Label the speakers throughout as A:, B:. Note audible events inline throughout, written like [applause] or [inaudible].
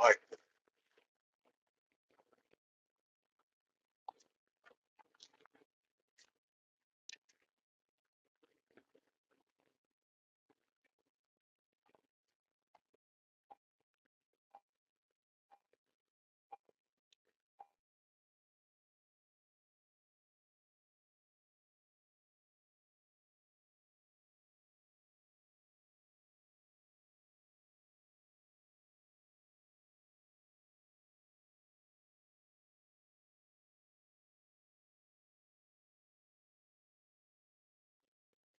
A: Like,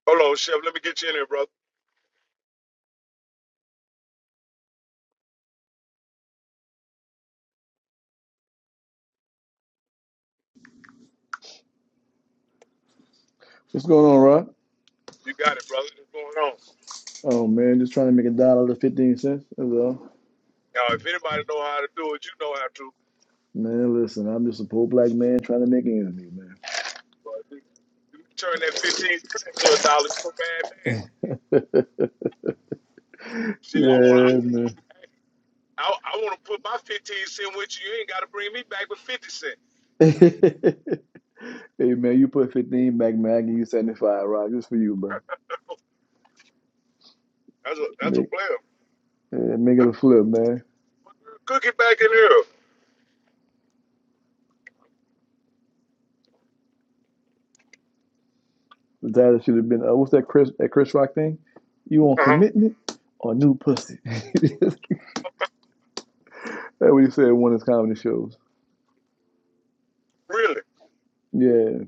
A: hold on, Chef. Let me get you in here, brother.
B: What's going on, Rock?
A: You got it, brother. What's going on?
B: Oh man, just trying to make a dollar to fifteen cents. That's all.
A: Now, if anybody know how to do it, you know how to.
B: Man, listen, I'm just a poor black man trying to make ends meet, man.
A: But You you can turn that fifteen to a dollar. You a bad man. Shit, I want
B: Yeah,
A: I, I, I want to put my fifteen cent with you. You ain't got to bring me back with fifty cent.
B: man. [laughs] hey man, you put fifteen back, man. I give you seventy five, Rock. Just for you, bro.
A: That's a that's a
B: Make
A: player.
B: yeah, make it a flip, man.
A: Cook it back in here.
B: The title should have been uh, what's that Chris that Chris Rock thing? You want
A: Uh huh.
B: commitment or new pussy? [laughs] That's what he said in one of his comedy shows.
A: Really?
B: Yeah,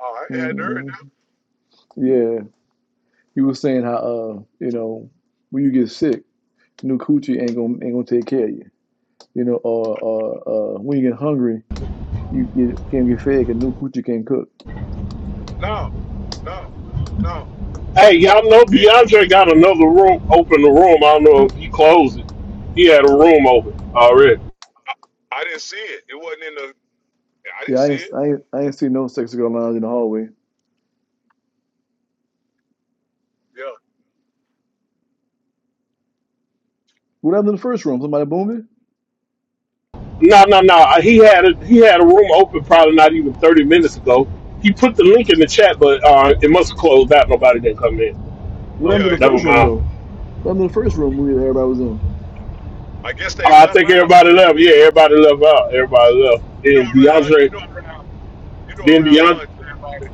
A: Oh, I hadn't heard
B: hmm yeah. He was saying how uh you know when you get sick. new coochie ain't gonna ain't gonna take care of you, you know. Or or uh, when you get hungry, you, you can't get fed because new coochie can't cook.
A: that. No, no, no.
C: Hey, y'all know
A: And,
C: DeAndre
A: and
C: got another room open. The room. I don't know if he closed it. He had a room open already.
A: I didn't see it. It wasn't in the. I
B: Yeah,
A: didn't
B: I
A: see
B: ain't,
A: it.
B: I ain't, I ain't seen no sexy girl lines in the hallway.
A: Yeah,
B: What happened to the first room? Somebody boomed it.
C: No, no, no. Uh, He had a he had a room open probably not even thirty minutes ago. He put the link in the chat, but uh, it must have closed out. Nobody didn't come in.
B: What
C: So
B: happened to
A: yeah.
B: the
C: never
B: first room
C: mind.
B: though? What happened to the first room we everybody was in?
A: I guess they
C: Uh, I
A: left
C: think
A: out, man.
C: everybody left. Yeah, everybody left out. Everybody left.
A: you know
C: Then
A: around you
C: DeAndre,
A: know around you know
C: then
A: around
C: DeAndre,
A: lunch everybody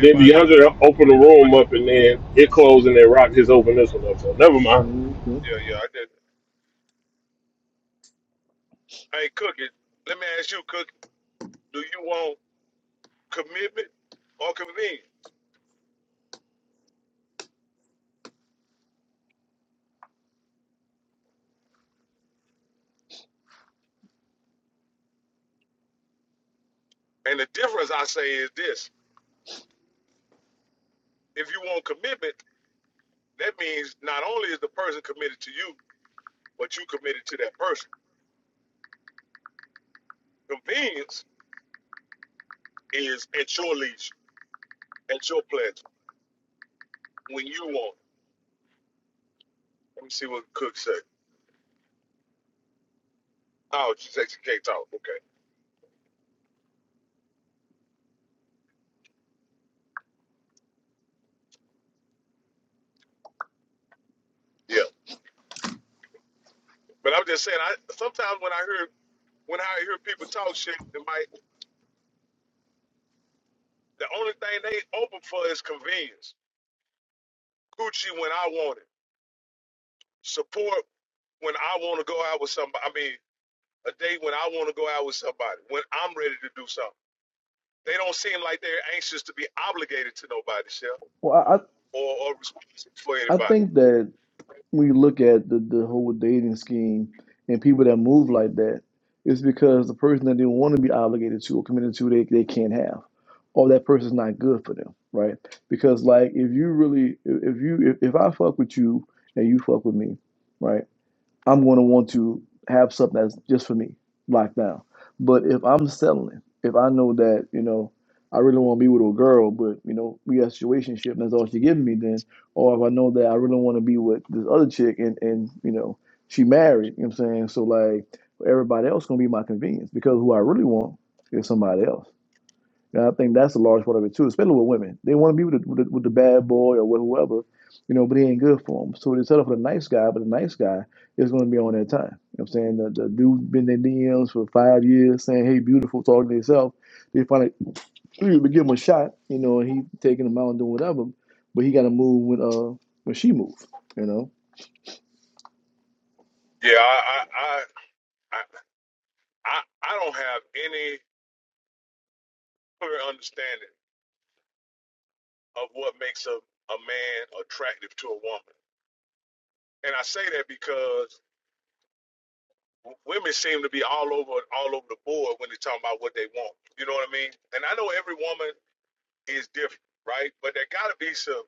C: then DeAndre opened the room up, and then it closed, and then Rock just opened this one up. So never mind.
B: Mhm, okay.
A: yeah yeah I just, hey cookie let me ask you cookie do you want commitment or convenience and the difference I say is this if you want commitment that means not only is the person committed to you but you committed to that person convenience is at your leash at your pleasure when you want it. let me see what cook said oh she said she can't talk okay yeah but I'm just saying I sometimes when I hear When I hear people talk shit, they might, the only thing they open for is convenience. Coochie when I want it. Support when I want to go out with somebody. I mean, a date when I want to go out with somebody, when I'm ready to do something. They don't seem like they're anxious to be obligated to nobody, Shell,
B: Well, I
A: or, or responsible for
B: I
A: anybody.
B: think that. when you look at the, the whole dating scheme and people that move like that, it's because the person that they want to be obligated to or committed to, they, they can't have, or that person's not good for them, right? Because like if you really, if if you, if, if I fuck with you and you fuck with me, right? I'm going to want to have something that's just for me locked down. But if I'm settling, if I know that, you know, I really want to be with a girl, but, you know, we got a situationship and that's all she giving me then, or if I know that I really want to be with this other chick and, and you know, she married, you know what I'm saying? So, like, everybody else going to be my convenience because who I really want is somebody else. And I think that's a large part of it too, especially with women. They want to be with the, with the, with the bad boy or with whoever, you know, but he ain't good for them. So they settle for the nice guy, but the nice guy is going to be on their time. You know what I'm saying? The, the dude been in their DMs for five years saying, hey, beautiful, talking to himself. They finally [clears throat] give him a shot, you know, and he taking him out and doing whatever, but he got to move when, uh, when she moves, you know?
A: Yeah, I, I, I, I I don't have any clear understanding of what makes a, a man attractive to a woman. And I say that because w- women seem to be all over all over the board when they're talking about what they want. You know what I mean? And I know every woman is different, right? But there got to be some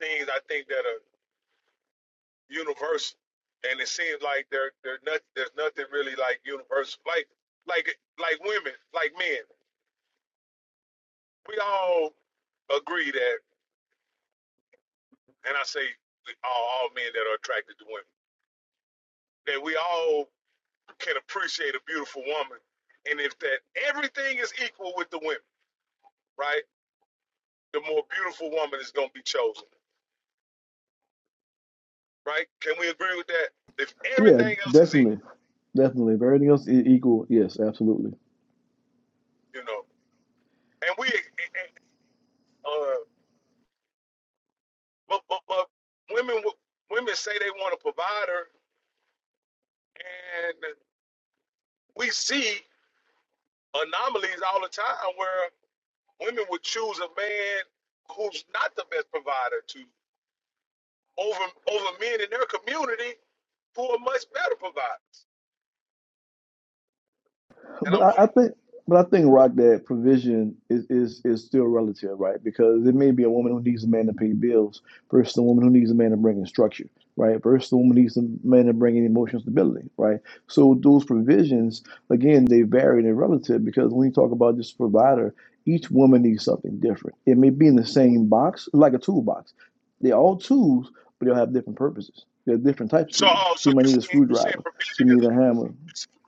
A: things I think that are universal. And it seems like there there not, there's nothing really like universal. Like like like women, like men, we all agree that, and I say all, all men that are attracted to women, that we all can appreciate a beautiful woman, and if that everything is equal with the women, right? the more beautiful woman is going to be chosen, right? Can we agree with that? If
B: Yeah,
A: everything else is equal,
B: definitely. Definitely. If everything else is equal, yes, absolutely.
A: you know, and we, uh, but, but, but women, women say they want a provider, and we see anomalies all the time where women would choose a man who's not the best provider to over over men in their community who are much better providers. And
B: But
A: I'm
B: I, I
A: like,
B: think, but I think, Rock, that provision is, is is still relative, right? Because it may be a woman who needs a man to pay bills versus a woman who needs a man to bring in structure, right? Versus a woman who needs a man to bring in emotional stability, right? So those provisions, again, they vary and they're relative because when you talk about this provider, each woman needs something different. It may be in the same box, like a toolbox. They're all tools, but they'll have different purposes. They're different types of
A: so,
B: tools.
A: oh,
B: She
A: so
B: might
A: you
B: need a
A: saying you saying
B: screwdriver. She
A: provision
B: might need a hammer.
A: is?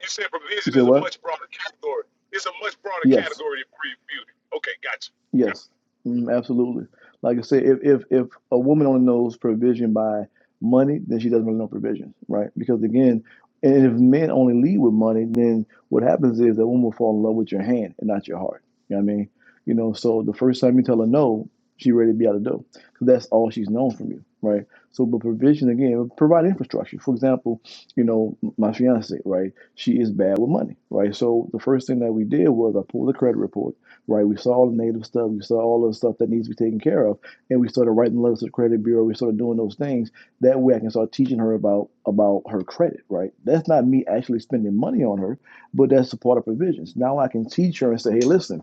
A: You said
B: You
A: provision
B: say
A: is a
B: what?
A: much broader category. It's a much broader
B: Yes.
A: category than pre beauty. Okay, gotcha. Got-
B: Yes, mm, absolutely. Like I said, if, if if a woman only knows provision by money, then she doesn't really know provision, right? Because again, and if men only lead with money, then what happens is that woman will fall in love with your hand and not your heart. You know what I mean? You know, so the first time you tell her no, she ready to be out the door because that's all she's known from you, right? So, but provision again, provide infrastructure. For example, you know, my fiance, right? She is bad with money, right? So the first thing that we did was I pulled the credit report right? We saw all the native stuff, we saw all the stuff that needs to be taken care of, and we started writing letters to the credit bureau. We started doing those things. That way, I can start teaching her about about her credit, right? That's not me actually spending money on her, but that's a part of provisions. Now I can teach her and say, hey, listen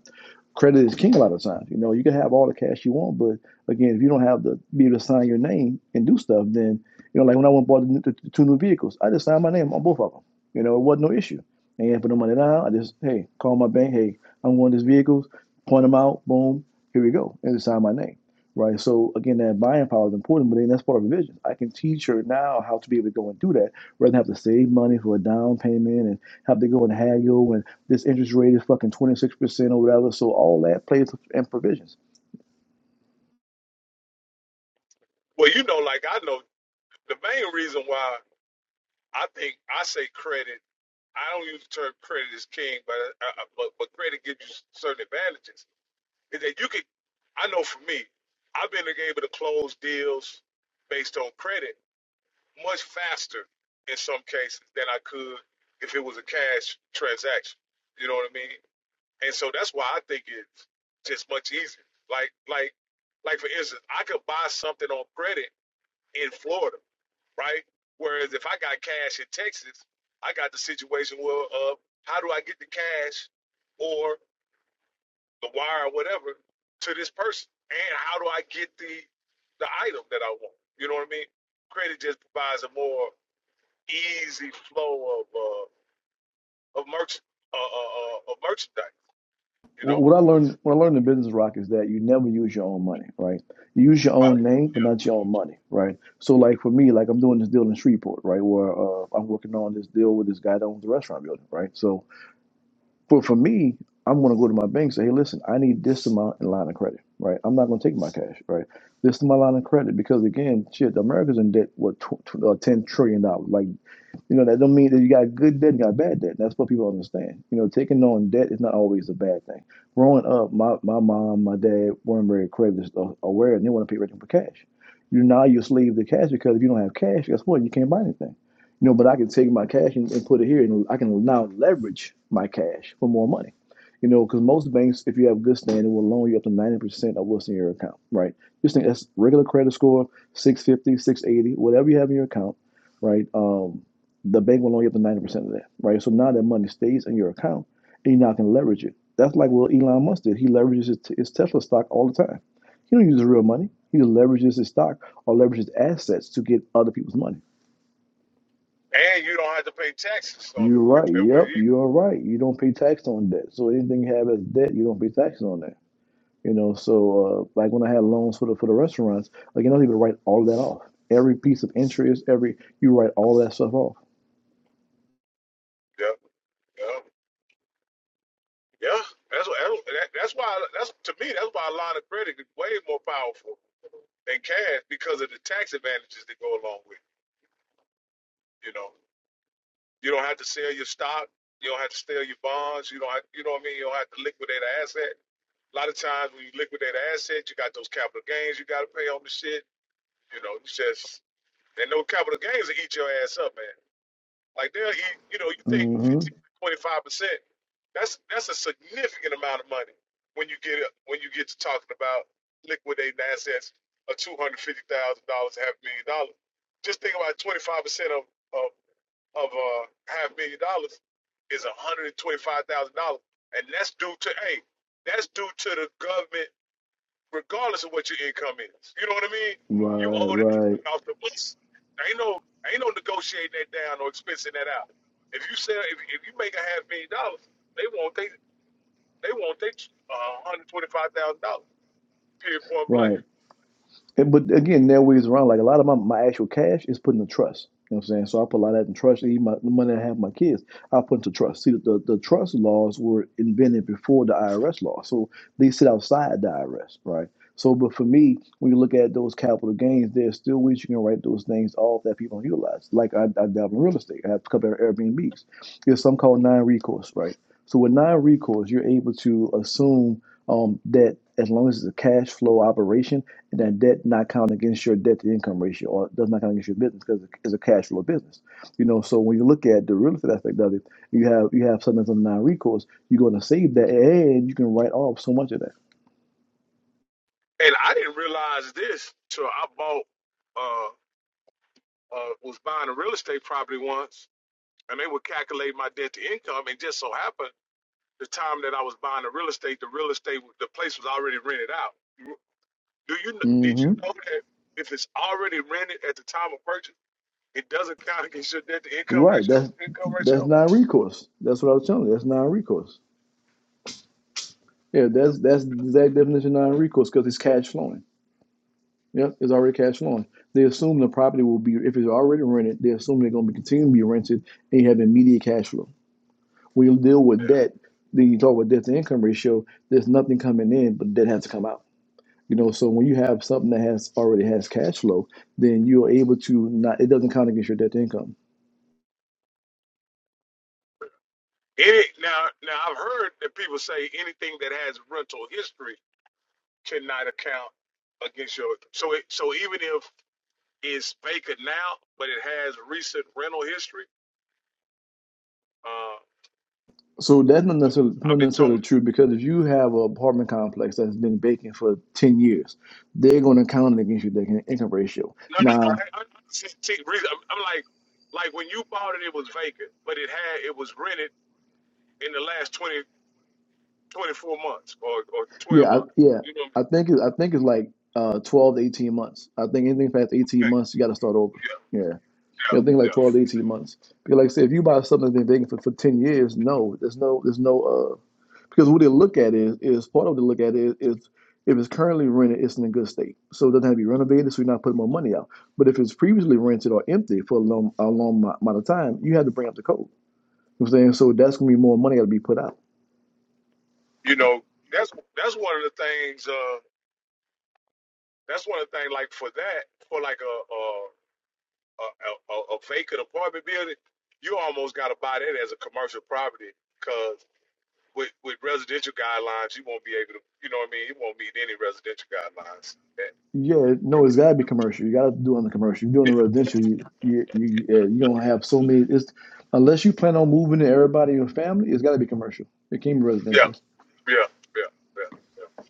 B: Credit is king a lot of times. You know, you can have all the cash you want, but again, if you don't have the be able to sign your name and do stuff, then you know, like when I went and bought the, the, two new vehicles, I just signed my name on both of them. You know, it wasn't no issue. I ain't put no money down. I just hey, call my bank. Hey, I'm wanting these vehicles. Point them out. Boom. Here we go. And just sign my name. Right. So again, that buying power is important, but then that's part of the vision. I can teach her now how to be able to go and do that rather than have to save money for a down payment and have to go and haggle and this interest rate is fucking 26% or whatever. So all that plays and provisions.
A: Well, you know, like I know, the main reason why I think I say credit, I don't use the term credit is king, but uh, uh, but, but credit gives you certain advantages. Is that you could, I know for me, I've been able to close deals based on credit much faster in some cases than I could if it was a cash transaction. You know what I mean? And so that's why I think it's just much easier. Like, like, like for instance, I could buy something on credit in Florida, right? Whereas if I got cash in Texas, I got the situation where, uh, how do I get the cash or the wire or whatever to this person? And how do I get the the item that I want? You know what I mean? Credit just provides a more easy flow of uh, of merch uh, uh, uh, of merchandise. You know,
B: What I learned, when I learned in business, Rock, is that you never use your own money, right? You use your own
A: probably.
B: name,
A: yeah.
B: but not your own money, right? So like for me, like I'm doing this deal in Shreveport, right? Where uh, I'm working on this deal with this guy that owns the restaurant building, right? So for, for me, I'm going to go to my bank and say, hey, listen, I need this amount in line of credit, right? I'm not going to take my cash, right? This is my line of credit because again, shit, America's in debt, what, tw- tw- uh, $10 trillion, dollars. like You know, that don't mean that you got good debt and you got bad debt. That's what people don't understand. You know, taking on debt is not always a bad thing. Growing up, my, my mom, my dad weren't very credit aware and they want to pay everything for cash. You now you're a slave to cash because if you don't have cash, guess what? You can't buy anything. You know, but I can take my cash and, and put it here and I can now leverage my cash for more money. You know, because most banks, if you have good standing, will loan you up to 90% of what's in your account, right? Just think that's regular credit score, six fifty, six eighty, whatever you have in your account, right? Um, the bank will only get the 90% of that, right? So now that money stays in your account and you now can leverage it. That's like what Elon Musk did. He leverages his, his Tesla stock all the time. He don't use his real money. He just leverages his stock or leverages assets to get other people's money.
A: And you don't have to pay taxes on
B: You're
A: it [laughs]
B: right.
A: that way.
B: Yep,
A: either.
B: you're right. You don't pay tax on debt. So anything you have as debt, you don't pay tax on that. You know, so uh, like when I had loans for the for the restaurants, like you don't even write all that off. Every piece of interest, every you write all that stuff off.
A: Yeah, yeah, yeah. That's what, that's that- that's why that's to me that's why a line of credit is way more powerful than cash because of the tax advantages that go along with it. You know, you don't have to sell your stock, you don't have to sell your bonds, you don't have, you know what I mean. You don't have to liquidate an asset. A lot of times when you liquidate an asset, you got those capital gains you got to pay on the shit. You know, it's just and no capital gains will eat your ass up, man. Like they'll eat, you know, you think
B: hmm
A: fifteen to 25 percent. That's that's a significant amount of money when you get up when you get to talking about liquidating assets of two hundred fifty thousand dollars, half a million dollars. Just think about 25 percent of of of uh, half a million dollars is 125 thousand dollars, and that's due to hey, that's due to the government regardless of what your income is. You know what I mean? You
B: Right,
A: owe that
B: right,
A: thing off the books. Ain't no ain't no negotiating that down or expensing that out. If you sell if, if you make a half million dollars, they want they they want they uh, one hundred twenty five thousand dollars period point blank.
B: right. And- But again, there are ways around. Like a lot of my, my actual cash is put in the trust. You know what I'm saying? So I put a lot of that in trust. Even my, the money I have my kids, I put into trust. See, the, the trust laws were invented before the IRS law. So they sit outside the IRS, right? So, but for me, when you look at those capital gains, there's still ways you can write those things off that people don't utilize. Like I, I dabble in real estate. I have a couple of Airbnbs. There's some called non-recourse, right? So with non-recourse, you're able to assume um, debt as long as it's a cash flow operation and that debt not count against your debt to income ratio or does not count against your business because it's a cash flow business. You know, so when you look at the real estate aspect of it, you have you have something that's a non-recourse. You're going to save that and you can write off so much of that.
A: And I didn't realize this till I bought uh uh was buying a real estate property once, and they would calculate my debt to income, and just so happened the time that I was buying the real estate, the real estate the place was already rented out Do you kn- did you
B: hmm
A: know that if it's already rented at the time of purchase, it doesn't count against your debt to income
B: Right.
A: ratio?
B: That's
A: Income ratio?
B: that's non-recourse. That's what I was telling you. That's non-recourse. Yeah, that's
A: Yeah.
B: that's the exact definition of non-recourse because it's cash flowing. Yep, it's already cash flowing. They assume the property will be, if it's already rented, they assume they're going to be continuing to be rented and you have immediate cash flow. When you deal with debt, then you talk about debt to income ratio, there's nothing coming in, but debt has to come out. You know, so when you have something that has already has cash flow, then you're able to not, it doesn't count against your debt to income.
A: Any now now I've heard that people say anything that has rental history cannot account against your so it so even if it's vacant now but it has recent rental history, uh
B: So that's not necessarily,
A: I've
B: not
A: been told
B: necessarily true because if you have an apartment complex that's been vacant for 10 years, they're going to count it against your debt to income ratio.
A: no, no,
B: Now.
A: no, I- I- see- see, reason- I'm I'm like like when you bought it it was vacant, but it had it was rented in the last 20 24 months or, or
B: Yeah,
A: 12
B: I,
A: months.
B: yeah.
A: You know,
B: I think it, I think it's like uh, twelve to eighteen months. I think anything past eighteen
A: yeah,
B: months, you got to start over.
A: yeah,
B: Yeah, you
A: yeah.
B: know, think like
A: yeah.
B: twelve to eighteen months. Because like I said, if you buy something that's been vacant for, for ten years, no, there's no, there's no. Uh, because what they look at is is part of what they look at is is if it's currently rented, it's in a good state, so it doesn't have to be renovated, so you're not putting more money out. But if it's previously rented or empty for a long a long mo- amount of time, you have to bring up the code. You know what I'm saying so that's gonna be more money got to be put out.
A: You know, that's that's one of the things. Uh, that's one of the things. Like for that, for like a a, a, a, a vacant apartment building, you almost got to buy that as a commercial property because with with residential guidelines, you won't be able to. You know what I mean? You won't meet any residential guidelines. Yeah,
B: Yeah, no, it's gotta be commercial. You gotta do it on the commercial. You're doing the
A: yeah,
B: residential. You you you, uh, you don't have so many. It's unless you plan on moving to everybody in your family. It's gotta be commercial. It can't be
A: yeah,
B: residential.
A: yeah, yeah. yeah.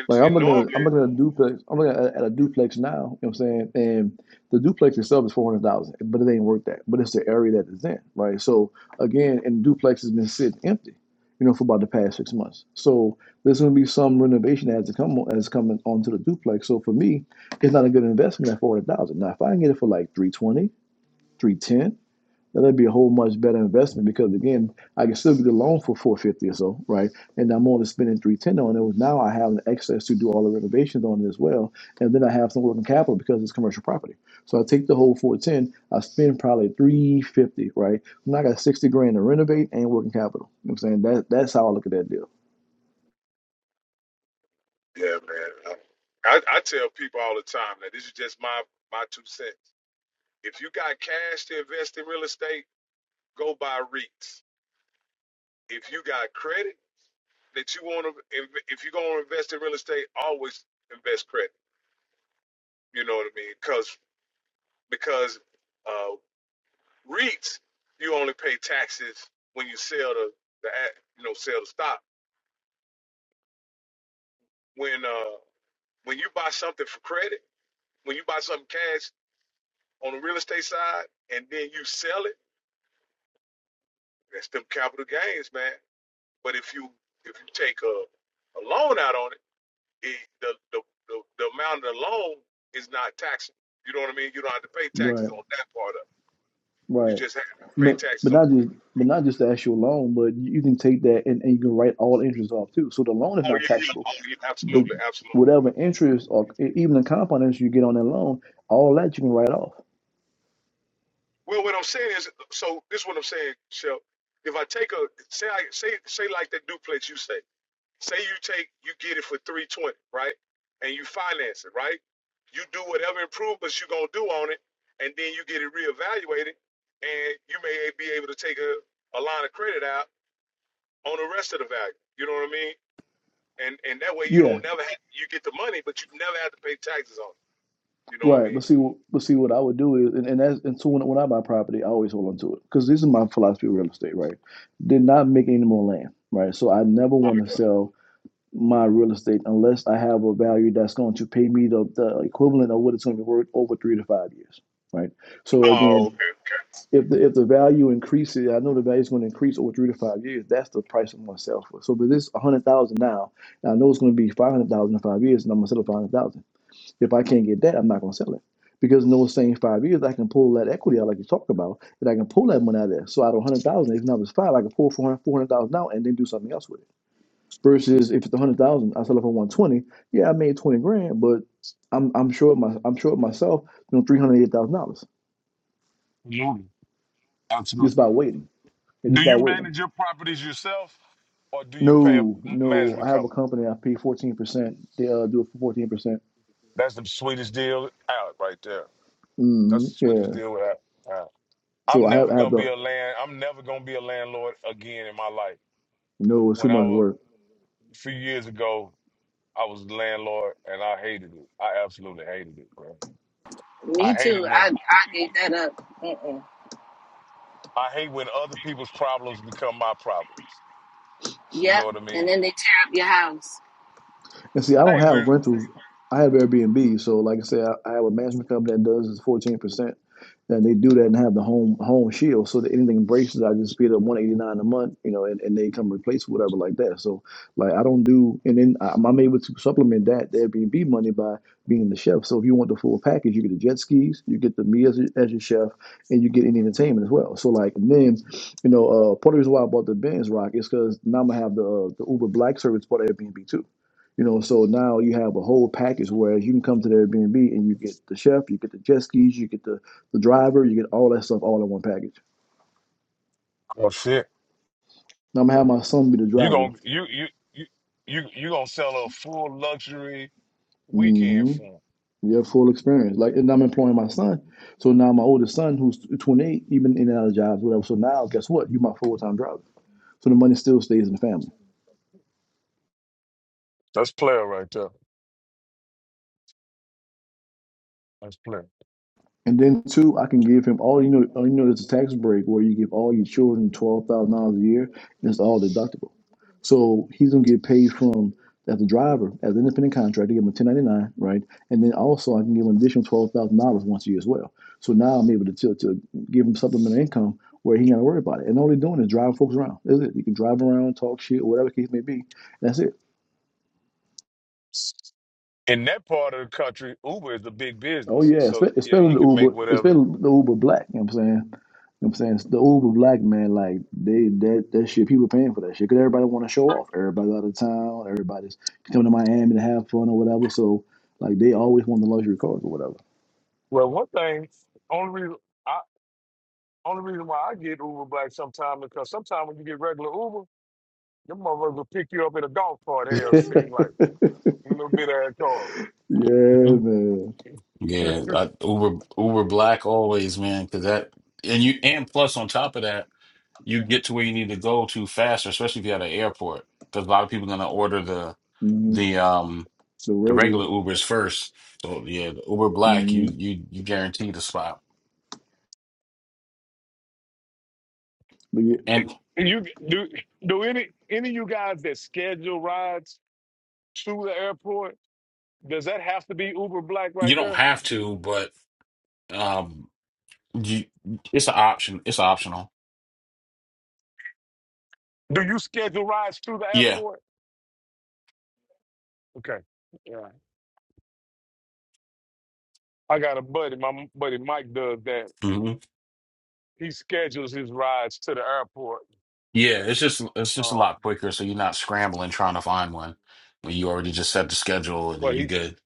A: And
B: Like I'm
A: and
B: looking at a,
A: normally
B: I'm looking at a duplex. I'm looking at a, at a duplex now. You know what I'm saying? And the duplex itself is four hundred thousand, but it ain't worth that. But it's the area that it's in, right? So again, and the duplex has been sitting empty, you know, for about the past six months. So there's going to be some renovation that has to come on, as coming onto the duplex. So for me, it's not a good investment at four hundred thousand. Now if I can get it for like three twenty three ten. Now, That'd be a whole much better investment because again, I can still get a loan for four hundred fifty dollars or so, right? And I'm only spending three hundred ten dollars on it. Now I have an excess to do all the renovations on it as well, and then I have some working capital because it's commercial property. So I take the whole four hundred ten. dollars, I spend probably three hundred fifty, dollars, right? Now I got sixty grand to renovate and working capital. You know what I'm saying that that's how I look at that deal.
A: Yeah, man. I, I tell people all the time that this is just my my two cents. If you got cash to invest in real estate, go buy REITs. If you got credit that you want to, if, if you're gonna invest in real estate, always invest credit. You know what I mean? Because because uh, REITs, you only pay taxes when you sell the the a- you know sell the stock. When uh when you buy something for credit, when you buy something cash on the real estate side, and then you sell it That's them capital gains, man. But if you if you take a, a loan out on it, it the, the the the amount of the loan is not taxable. You know what I mean? You don't have to pay taxes
B: Right,
A: on that part of it. You
B: right.
A: just have to pay
B: But but
A: taxes on.
B: not
A: it.
B: just but not just the actual loan, but you can take that and, and you can write all interest off too. So the loan is
A: Oh
B: not
A: yeah, yeah,
B: taxable.
A: oh yeah,
B: But
A: absolutely, absolutely.
B: whatever interest or e- even the compound interest you get on that loan, all that you can write off.
A: Well, what I'm saying is, so this is what I'm saying, Shel. If I take a say, I say say like that duplex you say. Say you take, you get it for 320, right? And you finance it, right? You do whatever improvements you're gonna do on it, and then you get it reevaluated, and you may be able to take a, a line of credit out on the rest of the value. You know what I mean? And and that way you
B: Yeah,
A: don't never have, you get the money, but you never have to pay taxes on it. You know what I
B: right. But
A: mean?
B: see, but see, what I would do is, and, and that's and so when, when I buy property, I always hold on to it because this is my philosophy of real estate. Right, did not make any more land. Right, so I never want to
A: Okay.
B: sell my real estate unless I have a value that's going to pay me the, the equivalent of what it's going to be worth over three to five years. Right. So
A: Oh,
B: again,
A: okay, okay.
B: if the if the value increases, I know the value is going to increase over three to five years. That's the price I'm going to sell for. So, but this a hundred thousand now, and I know it's going to be five hundred thousand in five years, and I'm going to sell it for five hundred thousand. If I can't get that, I'm not going to sell it because in those same five years, I can pull that equity out, like you talked about, and I can pull that money out of there. So, out of a hundred thousand, if not it's five, I can pull four hundred four hundred thousand 400,000 out and then do something else with it. Versus if it's a hundred thousand, I sell it for one twenty. Yeah, I made twenty grand, but I'm I'm sure my I'm sure myself, you know, three hundred eight thousand dollars
A: Absolutely. Absolutely.
B: just by waiting, Yeah,
A: Do
B: just by
A: you
B: waiting.
A: manage your properties yourself or do you pay a
B: No, no. I
A: management
B: have a
A: company?
B: company. I pay fourteen percent. They uh, do it for fourteen percent.
A: That's the sweetest deal out right there.
B: Mm-hmm.
A: That's the
B: Yeah.
A: sweetest deal out. out.
B: So
A: I'm
B: I have
A: never
B: I have
A: gonna be
B: the
A: a land. I'm never gonna be a landlord again in my life.
B: no. It's too
A: When I
B: much
A: was
B: work.
A: a few years ago, I was a landlord and I hated it. I absolutely hated it, bro. I
D: Me
A: hated
D: too.
A: when
D: I I gave that up. Mm-mm.
A: I hate when other people's problems become my problems. You know
D: Yep.
A: what I
D: And
A: mean?
D: then they tear up your house.
B: And see, I
A: I
B: don't
A: ain't
B: have
A: with.
B: rentals. I have Airbnb. So, like I said, I, I have a management company that does is fourteen percent. And they do that and have the home home shield. So that anything breaks, I just pay them one eighty nine a month, you know, and, and they come replace whatever like that. So like I don't do, and then I'm, I'm able to supplement that the Airbnb money by being the chef. So if you want the full package, you get the jet skis, you get the me as, your- as your chef, and you get any entertainment as well. So like and then, you know, uh, part of the reason why I bought the Benz Rock is because now I'm gonna have the uh, the Uber Black service part of Airbnb too. You know, so now you have a whole package. Whereas you can come to the Airbnb and you get the chef, you get the jet skis, you get the, the driver, you get all that stuff all in one package.
A: Oh shit!
B: Now I'm gonna have my son be the
A: You
B: driver.
A: gonna you you you you you gonna sell a full luxury weekend
B: Mm-hmm.
A: for 'em.
B: You have full experience. Like, and I'm employing my son. So now my oldest son, who's 28, even in and out of jobs, whatever. So now, guess what? You're my full time driver. So the money still stays in the family.
A: That's player right there. That's player.
B: And then two, I can give him all you know. oh, You know, there's a tax break where you give all your children twelve thousand dollars a year, and it's all deductible. So he's gonna get paid from as a driver, as an independent contractor, give him a ten ninety nine, right? And then also I can give him an additional twelve thousand dollars once a year as well. So now I'm able to to, to give him supplemental income where he ain't gotta worry about it. And all they're doing is driving folks around. That's it. You can drive around, talk shit, whatever the case may be. That's it.
A: In that part of the country, Uber is a big
B: Oh
A: business.
B: yeah,
A: So
B: espe-
A: yeah,
B: especially
A: he
B: the
A: can make
B: Uber,
A: whatever.
B: especially the Uber Black. You know what I'm saying? You know what I'm saying? The Uber Black man, like they that that shit, people paying for that shit because everybody want to show off. Everybody's out of town. Everybody's coming to Miami to have fun or whatever. So like they always want the luxury cars or whatever.
A: Well, one thing, only reason I only reason why I get Uber Black sometimes because sometimes when you get regular Uber. Them motherfuckers will pick you up in a golf cart. Hell,
B: [laughs] yeah,
A: seem like a little bit of that car.
E: Mhm.
B: man.
A: [laughs]
E: Yeah, I, Uber Uber Black always, man, because that and you and plus on top of that, you get to where you need to go to faster, especially if you're at an airport, because a lot of people are gonna order the
B: hmm
E: the um
B: The
E: the
B: regular.
E: regular Ubers first. So yeah, the Uber Black, you
B: hmm
E: you you guarantee the spot,
B: But yeah,
E: and
A: And you do do any any of you guys that schedule rides to the airport? Does that have to be Uber Black
E: you
A: right
E: don't
A: there?
E: have to, but um, you it's an option. It's optional.
A: Do you schedule rides to the
E: Yeah,
A: airport? Okay. Yeah. I got a buddy. My m- buddy Mike does that.
E: hmm
A: He schedules his rides to the airport.
E: yeah. It's just it's just a
A: Um,
E: lot quicker, so you're not scrambling trying to find one when you already just set the schedule and then
A: but
E: you
A: he
E: good.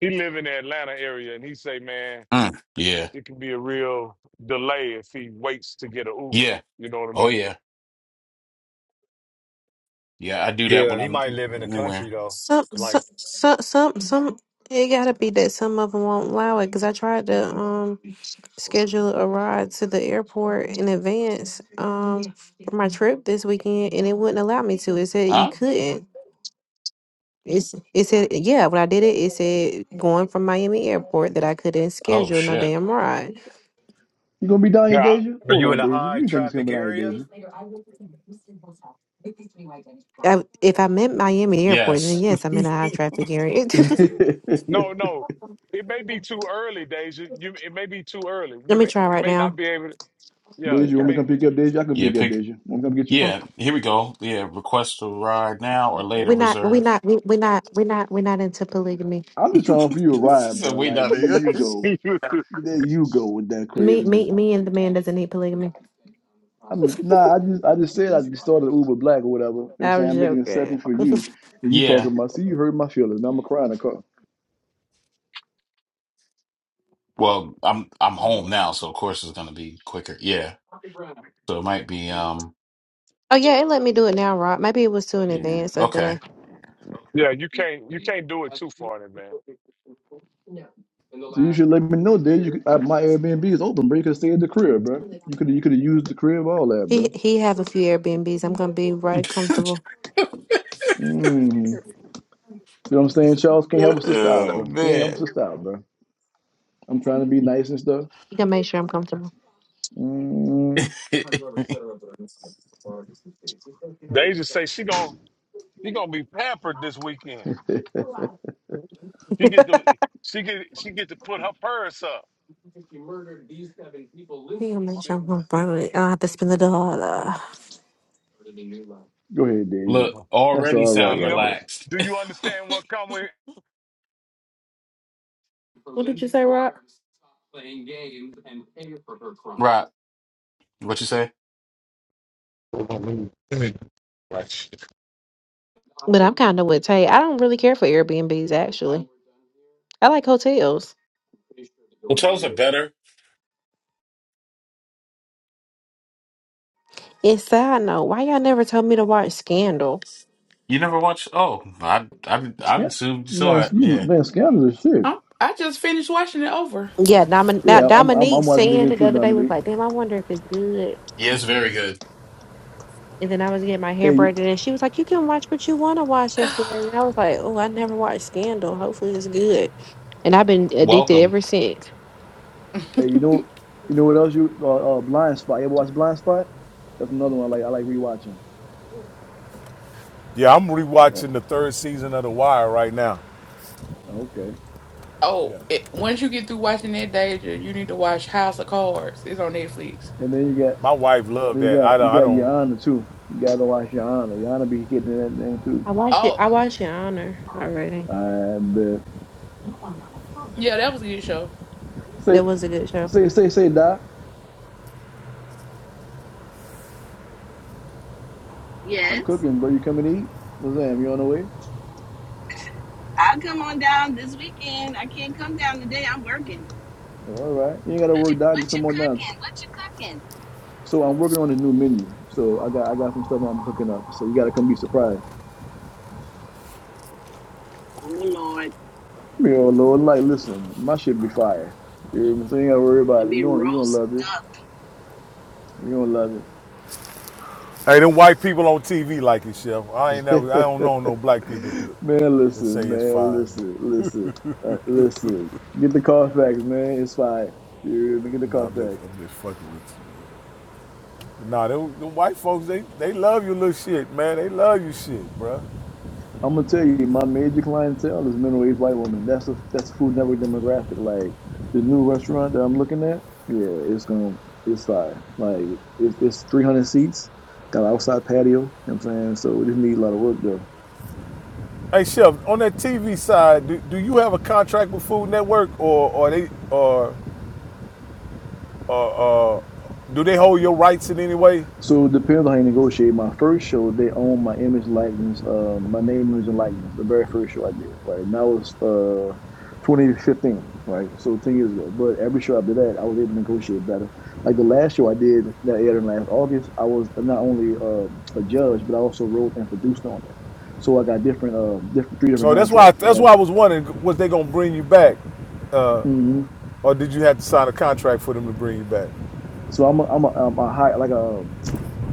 A: he live in the Atlanta area, and he say, man,
E: Mm, yeah.
A: it can be a real delay if he waits to get an Uber.
E: Yeah.
A: You know what I
E: Oh
A: mean?
E: yeah. Yeah, I do that when
F: Yeah, he
E: I'm
F: might live in the country
E: anywhere.
F: though.
G: Some,
F: Like,
G: some, some, some, some. It gotta be that some of them won't allow it. Cause I tried to um schedule a ride to the airport in advance um for my trip this weekend, and it wouldn't allow me to. It said you
E: Huh?
G: couldn't. It's, it said yeah. When I did it, it said going from Miami airport that I couldn't
E: Oh
G: schedule no
E: shit.
G: damn ride.
B: you gonna be down here,
A: Yeah, I-
B: Deja?
F: are
B: Hold
F: you in
B: on,
F: a
B: Deja.
F: high
B: You think he's
F: traffic
B: coming down here,
F: area?
B: Deja?
G: I, if I meant Miami airport, then
E: Yes.
G: yes, I'm in a high traffic area.
B: [laughs]
G: [laughs]
B: Deja,
A: no, no. It may be too early, Deja. You, it may be too early. You
G: Let me
A: may,
G: try
A: you
G: right
A: may not
G: now.
A: be able to. Yeah,
B: you
A: you
B: want me to
A: may.
B: come pick you up Deja? I can
E: Yeah,
B: pick you up
E: pick
B: Deja. Want me to come get you?
E: yeah, here we go. Yeah, request a ride now or later
G: We're not. We're
E: reserve.
G: not. We're not. We're not. We're not into polygamy.
B: I'm just trying for you a
E: [laughs] she
B: ride,
E: said
B: bro.
E: wait
B: Like
E: not
B: there
E: here.
B: you
A: [laughs]
B: go, there you go with that
G: Me,
B: craziness.
G: me, me, and the man doesn't need polygamy.
B: I'm nah. I just I just said I just started Uber Black or whatever. You know what I'm
G: I
B: saying?
G: was
B: I'm making an
G: joking.
B: exception for
G: [laughs]
B: you, and you talking
E: Yeah.
B: about. See, you hurt my feelings. Now I'm gonna cry in the car.
E: Well, I'm I'm home now, so of course it's gonna be quicker. Yeah. So it might be um
G: oh yeah, it let me do it now, Rob. Maybe it was too in
E: yeah.
G: advance the that
E: Okay.
G: I
A: yeah, you can't, you can't do it too far in advance.
B: So you should let me know that you could, uh, my Airbnb is open, bro. You could stay at the crib, bro. You could you could have used the crib, all that,
G: He
B: bro.
G: he have a few Airbnbs. I'm gonna be right comfortable.
E: [laughs]
B: Mm. You know what I'm saying, Charles? Can't help us sister out,
E: oh
B: bro. Can't help us
E: man.
B: sister out, bro. I'm trying to be nice and stuff.
G: He can make sure I'm comfortable.
B: Mm.
E: [laughs]
A: Deja say she gon she gonna be pampered this weekend.
B: [laughs] go
A: She get to she get she get to put her purse up.
G: He can make sure
A: Shit.
G: I'm comfortable. I don't have to spend the dollar.
B: ahead, Deja.
E: Look,
B: That's
E: already
B: all
A: Well,
B: right,
E: sound
A: you
B: right
A: know,
B: there.
E: relaxed.
A: do
E: [laughs]
A: you understand what come with?
G: What did you say, Rob?
E: Right. What you say?
G: But I'm kind of with Tay. I don't really care for Airbnbs actually. I like hotels.
E: The toes are better.
G: It's sad note. Why y'all never told me to watch Scandal?
E: You never watched? Oh, I I I
B: Yeah,
E: assumed you
B: man,
E: saw it.
B: you
E: Yeah,
B: man, scams are shit.
H: i I just finished watching it over.
G: Yeah, Domin- now
B: Yeah, I'm I'm,
G: Dominique
B: I'm watching it
G: saying
B: again
G: it the
B: too,
G: other day was
B: Dominique.
G: like, damn, I wonder if it's good.
E: yeah, it's very good.
G: And then I was getting my hair
B: Hey, you-
G: braided, and she was like, you can watch what you want to watch
H: [sighs]
G: yesterday. And I was like, oh, I never watched Scandal. Hopefully it's good. And I've been addicted
E: Welcome.
G: ever since.
B: hey, you know you know what else you uh, uh Blind Spot. You ever watch Blind Spot? That's another one I like. I like rewatching.
A: Yeah, I'm
B: Yeah.
A: rewatching the third season of The Wire right now.
B: Okay.
A: Yeah,
H: Oh, it, once you get through watching that Deja, you need to watch House of Cards. It's on Netflix.
B: And then you got
A: my wife loved
B: then you
A: that. I
B: got you
A: don't. I
B: got
A: don't
B: Yana too. You gotta watch Yana. Yana be getting that thing too.
G: I watched it.
H: Oh,
G: I watched Your Honor already.
B: I bet.
H: yeah, that was a good show.
B: Say
G: That was a good show.
B: say say say Doc. I'm
D: Yes.
B: cooking, bro. You coming to eat? What's that? You on the way?
D: I'll come on down this weekend. I can't come down today. I'm working.
B: Oh, all right. You ain't gotta
D: What
B: work,
D: you,
B: Doc.
D: what
B: Just come on down.
D: you cooking?
B: So I'm working on a new menu. So I got I got some stuff I'm cooking up. So you gotta come be surprised.
D: What you cooking? Oh Lord,
B: Yo, Lord, like listen, my shit be fire. You hear me? So you ain't gotta worry about
D: it
B: it. You
D: be roast
B: gonna you gonna love it.
D: duck.
B: You gonna love
A: hey, them white people on TV like it, Chef. I ain't never. I don't know no
B: it.
A: black people that,
B: [laughs] man,
A: that
B: listen,
A: say it's
B: man,
A: fine.
B: listen, listen, uh, listen. Get the Carfax, man. It's fire. You hear me? Get the
A: No, I'm just.
B: Carfax.
A: I'm just fucking with you. Nah, the white folks, they they love your little shit, man. They love you shit, bruh.
B: I'm gonna tell you, my major clientele is middle-aged white women. That's a that's a Food Network demographic. Like the new restaurant that I'm looking at, yeah, it's gonna it's fire. Like it's it's 300 seats, got an outside patio. You know what I'm saying? So we just need a lot of work though.
A: Hey Chef, on that TV side, do, do you have a contract with Food Network, or or they or or, or do they hold your rights in any way?
B: So it depends on how you negotiate. My first show, they own my image likeness, uh, my name, image, and likeness. The very first show I did, right? And that was uh, 2015, right? So 10 years ago. But every show after that, I was able to negotiate better. Like the last show I did that aired in last August, I was not only uh a judge, but I also wrote and produced on it. So I got different, uh, different three different
A: So that's why
B: contracts. You
A: that's
B: got,
A: why I was wondering was they gonna bring you back,
B: hmm
A: or did you have to sign a contract for them to bring you back,
B: So I'm a, I'm a, um, a high like a,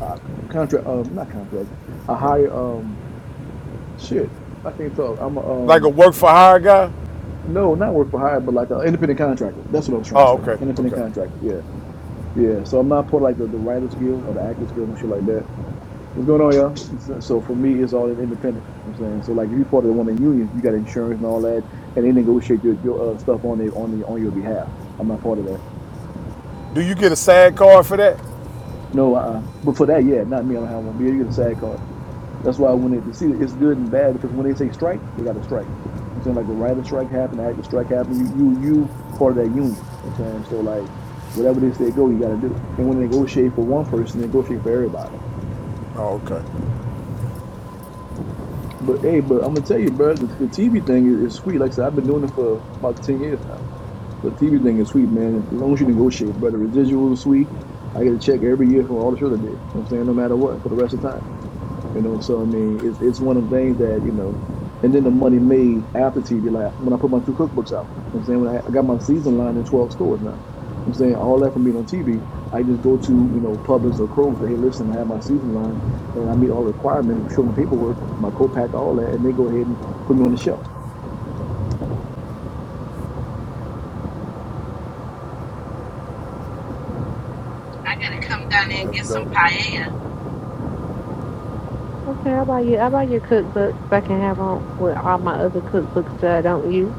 B: a contract, um, not contract, a higher um, shit. I can't talk. I'm a um
A: like a work for hire guy?
B: No, not work for hire, but like an independent contractor. That's what I was trying to
A: Oh,
B: say.
A: okay,
B: Independent
A: okay.
B: contractor. Yeah, yeah. So I'm not part of like the, the Writers Guild or the Actors Guild, no shit like that. What's going on, y'all? It's- So for me, it's all independent. You know what I'm saying. So like, if you're part of one of the unions, you got insurance and all that, and they negotiate your, your uh, stuff on the on the on your behalf. I'm not part of that.
A: Do you get a SAG card for that?
B: No, uh, uh but for that, yeah, not me. I don't have one. But yeah, you get a SAG card. That's why when it, to see, it's good and bad because when they say strike, they got to strike. You know what I'm saying like the writer strike happened, the actor strike happened. You, you, you part of that union. You know what I'm saying so like whatever they say go, you got to do. And when they negotiate for one person, they negotiate for everybody.
A: Oh, okay,
B: But hey, but I'm gonna tell you, bro, the, the TV thing is, is sweet. Like I said, I've been doing it for about ten years now. The TV thing is sweet, man. As long as you negotiate, bro, the residuals are sweet. I get a check every year from all the shows I did. You know what I'm saying? No matter what, for the rest of the time. You know, so I mean, it's it's one of the things that you know, and then the money made after TV, like when I put my two cookbooks out. You know what I'm saying when I, I got my season line in 12 stores now. You know what I'm saying all that from being on TV. I just go to you know Publix or Kroger's. Say, hey, listen, I have my season line, and I meet all the requirements, show them the paperwork, my co-pack, all that, and they go ahead and put me on the shelf.
D: I gotta come down there and
A: that's
D: get some
A: dope.
D: paella.
G: Okay, how about you? How about your cookbook? If I can have on with all my other cookbooks that I don't use.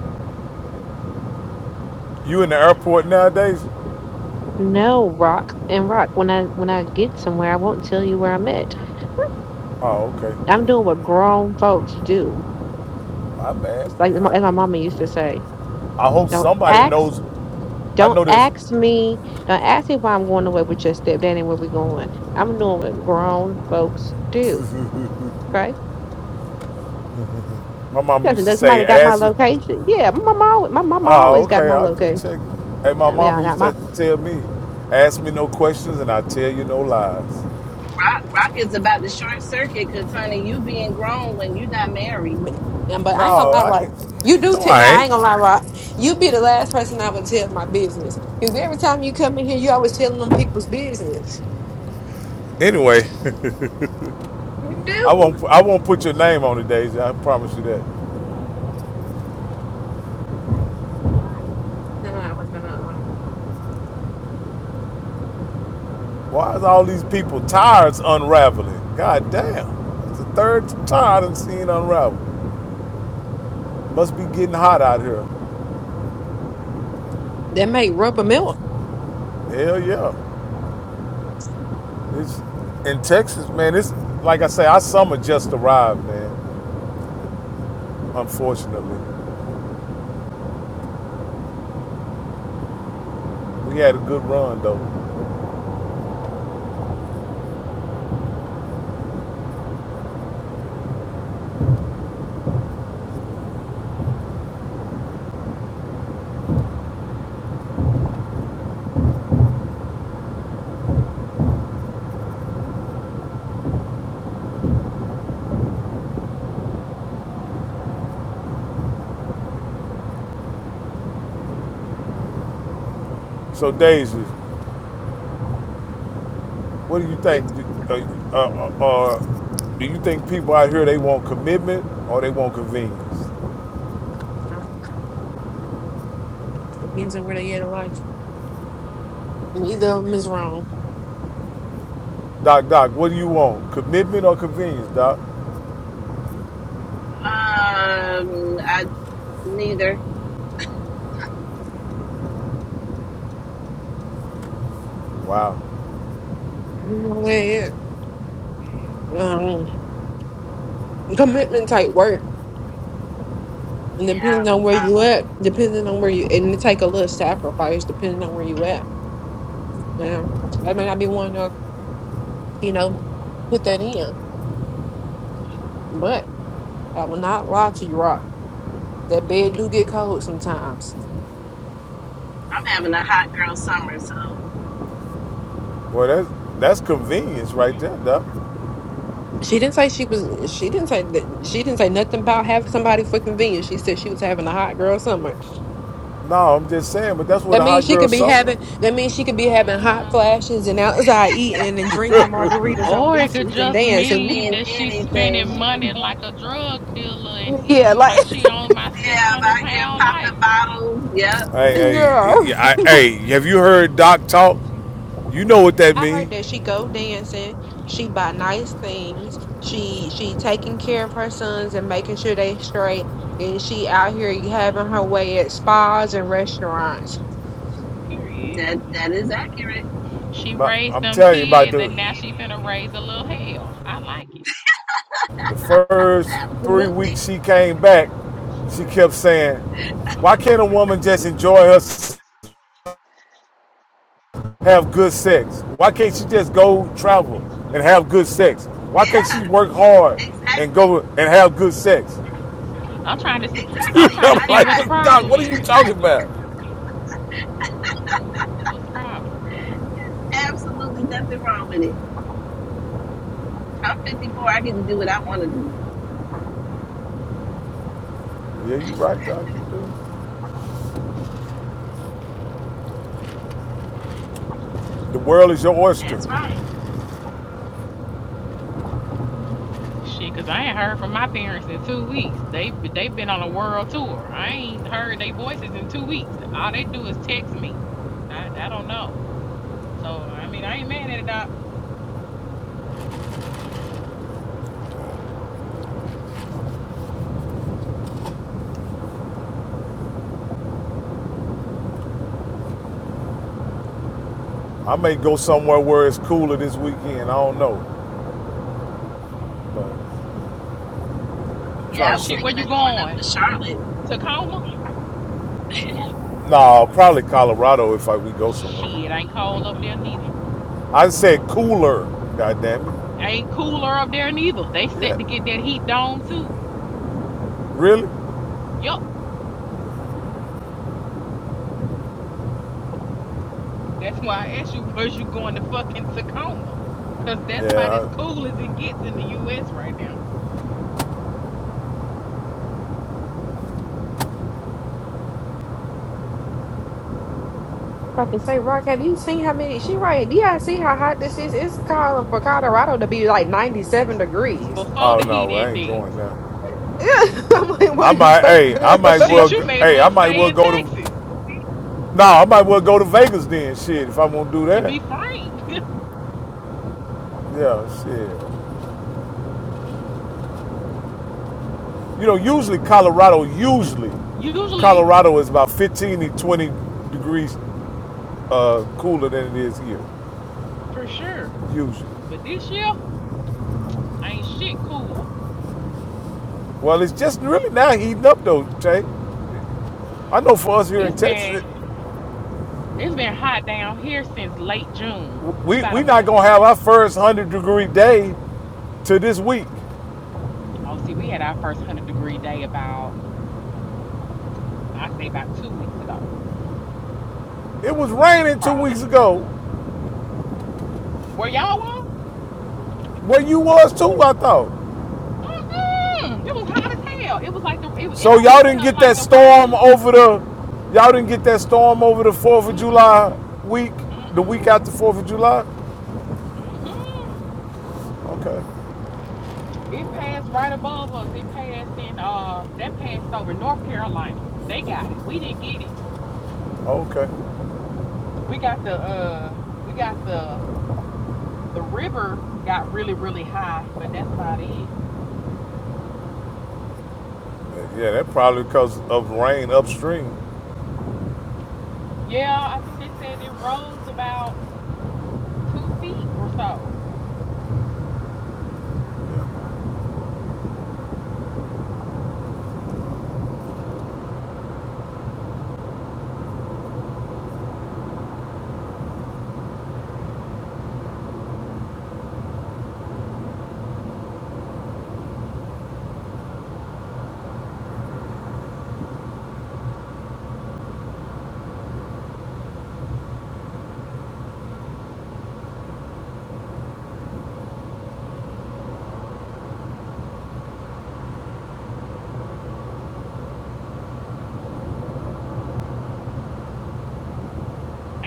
A: You in the airport nowadays?
G: No, Rock and Rock. When I when I get somewhere, I won't tell you where I'm at.
A: Oh,
G: I'm
A: okay.
G: doing what grown folks do.
A: My bad.
G: It's like as my- as my mama used to say,
A: I hope
G: don't
A: somebody
G: ask,
A: knows. I
G: don't
A: know this.
G: ask me, don't ask me why I'm going away with your stepdad and where we going. I'm doing what grown folks do, right?
A: My mom
G: Does
A: used to
G: does
A: say,
G: somebody got my
A: "Ass
G: location? Yeah, my mama, always, my mama
A: Oh,
G: always got
A: okay.
G: my
A: I'll just
G: location.
A: check. Hey, my
G: I mean,
A: mom
G: I
A: used
G: got my,
A: to tell me, ask me no questions and I tell you no lies.
D: Rock Rock is about the short circuit because honey, you being grown when you not married.
G: yeah, but
A: No,
G: I ain't gonna lie,
A: I
G: right? You
A: ain't.
G: do
A: No,
G: tip
A: I
G: now. I
A: ain't.
G: ain't gonna lie, Rock. You be the last person I would tell my business because every time you come in here, you always telling them people's business.
A: Anyway,
G: You
A: [laughs] I
G: do.
A: won't. I won't put your name on it, Daisy. I promise you that.
G: No, no, I was gonna. Um,
A: Why is all these people tires unraveling? God damn! It's the third tire I've seen unravel. Must be getting hot out here.
G: that make rubber milk.
A: Hell yeah! It's in Texas, man. It's like I say, our summer just arrived, man. Unfortunately, we had a good run though. So Daisy, what do you think? Uh, uh, uh, do you think people out here they want commitment or they want convenience?
G: No, depends on where they at in life. Neither of them is wrong.
A: Doc, Doc, what do you want? Commitment or convenience, Doc?
D: Um, I neither.
A: Wow.
G: Depends on where they at. Um, commitment type work, and depending
D: Yeah,
G: on where
D: I,
G: you at, depending on where you, and it take a little sacrifice depending on where you at. Um, I may not be one to, you know, put that in, but I will not lie to you, Rock. That bed do get cold sometimes.
D: I'm having a hot girl summer, so.
A: Well, that's that's convenience right there, Doc.
G: She didn't say she was. She didn't say that. She didn't say nothing about having somebody for convenience. She said she was having a hot girl summer.
A: No, I'm just saying, but that's what
G: That
A: a
G: means
A: hot
G: she
A: girl
G: could be
A: something.
G: having. That means she could be having hot
I: Uh-uh.
G: flashes and outside eating and drinking margaritas on
I: Or it could
G: beaches and
I: just
D: It could
G: dancing.
I: mean
D: mean
I: that she's
D: anything.
I: spending money
D: Yeah,
I: like a drug dealer and
G: Yeah,
I: eating
G: like
I: like she owned my
D: I'm
I: 600
D: out here
I: pound life.
D: popping bottles. Yep,
G: [laughs]
A: Hey, hey,
G: girl.
A: yeah, I, hey, have you heard Doc talk? You know what that
G: I
A: means.
G: heard that she go dancing. She buy nice things. She she taking care of her sons and making sure they straight. And she out here having her way at spas and restaurants.
I: Period.
D: that that is accurate.
I: She raised
A: I'm
I: them
A: telling you about
I: kids and
A: the
I: now she finna raise a little hell. I like it.
A: The first
D: Absolutely.
A: three weeks she came back, she kept saying, Why can't a woman just enjoy her, have good sex? Why can't she just go travel and have good sex? Why can't she
D: Yeah,
A: work hard and
D: exactly.
A: go and have good sex?
I: I'm trying to see
A: [laughs]
I: I'm
D: Exactly.
I: trying to
A: I'm
D: Why
I: see
A: like,
I: what the
D: not?
A: what, Doc,
I: problem
A: what are you
I: is.
A: talking about?
I: What's the problem?
D: Absolutely nothing wrong with it. I'm 54. I get to do what I want to do.
A: Yeah, you right, Doc, you do. The world is your oyster.
D: That's right.
I: Shit, cause I ain't heard from my parents in two weeks. They they've been on a world tour. I ain't heard their voices in two weeks. All they do is text me. I I don't know. So I mean I ain't mad at it. doc.
A: I may go somewhere where it's cooler this weekend. I don't know. But I'm
D: Yeah,
A: trying
D: I
A: to
D: was
A: say,
I: Shit, where
D: thinking
A: no,
I: you
D: of going up
I: going?
D: to Charlotte.
I: Tacoma?
A: nah, probably Colorado if I, we go somewhere.
I: Shit, ain't cold up there neither.
A: I said cooler. God damn it.
I: Ain't cooler up there neither. They set to
A: Yeah.
I: get that heat dome too.
A: Really?
I: Yup. That's why I asked you, [laughs] was you going to fucking Tacoma? Cause that's about as
A: Yeah. I,
I: cool as it gets in the US right now.
G: I can say, Rock, have you seen how many? She right? Yeah, I see how hot this is. It's calling for Colorado to be like ninety-seven degrees.
I: Before
A: oh
I: the heat
A: no, I ain't going
I: index.
A: there.
G: Yeah, [laughs] I'm like,
A: I
G: what are you
A: might.
G: talking
A: Hey, I might as well.
G: about?
I: Shit, you
A: go-
I: may as
A: Hey, I
I: well
A: might
I: stay
A: well
I: in
A: go to.
I: Texas.
A: No, I might well go to Vegas then. Shit, if I won't do
I: To
A: that.
I: be frank.
A: Yeah, shit. You know, usually Colorado. Usually,
I: [laughs] Usually,
A: Colorado is about 15 to 20 degrees uh, cooler than it is here.
I: for sure.
A: Usually.
I: But this year ain't shit cooler.
A: Well, it's just really now heating up though, Jay. I know for us here in
I: It's
A: Texas,
I: been
A: it-
I: it's been hot down here since late June. We
A: we
I: about a
A: we not
I: month
A: gonna
I: in.
A: have our first hundred degree day to this week.
I: Oh, see, we had our first hundred degree day about I say about two weeks ago,
A: It was raining two
I: probably.
A: weeks ago.
I: Where y'all was?
A: Where you was too, I thought.
I: Mm-mm. It was hot as hell. It was like the it, it
A: So y'all
I: almost
A: didn't
I: felt
A: get
I: like
A: that
I: the
A: storm
I: rain.
A: over the y'all didn't get that storm over the Fourth of July
I: Mm-mm.
A: week, the week
I: Mm-mm.
A: after Fourth of July.
I: Mm-mm.
A: Okay,
I: It passed right above us. It passed in uh that passed over North Carolina. They got it. We didn't get it.
A: okay,
I: We got the uh we got the the river got really, really high, but that's about it.
A: yeah, that probably because of rain upstream.
I: Yeah, I think they said it rose about two feet or so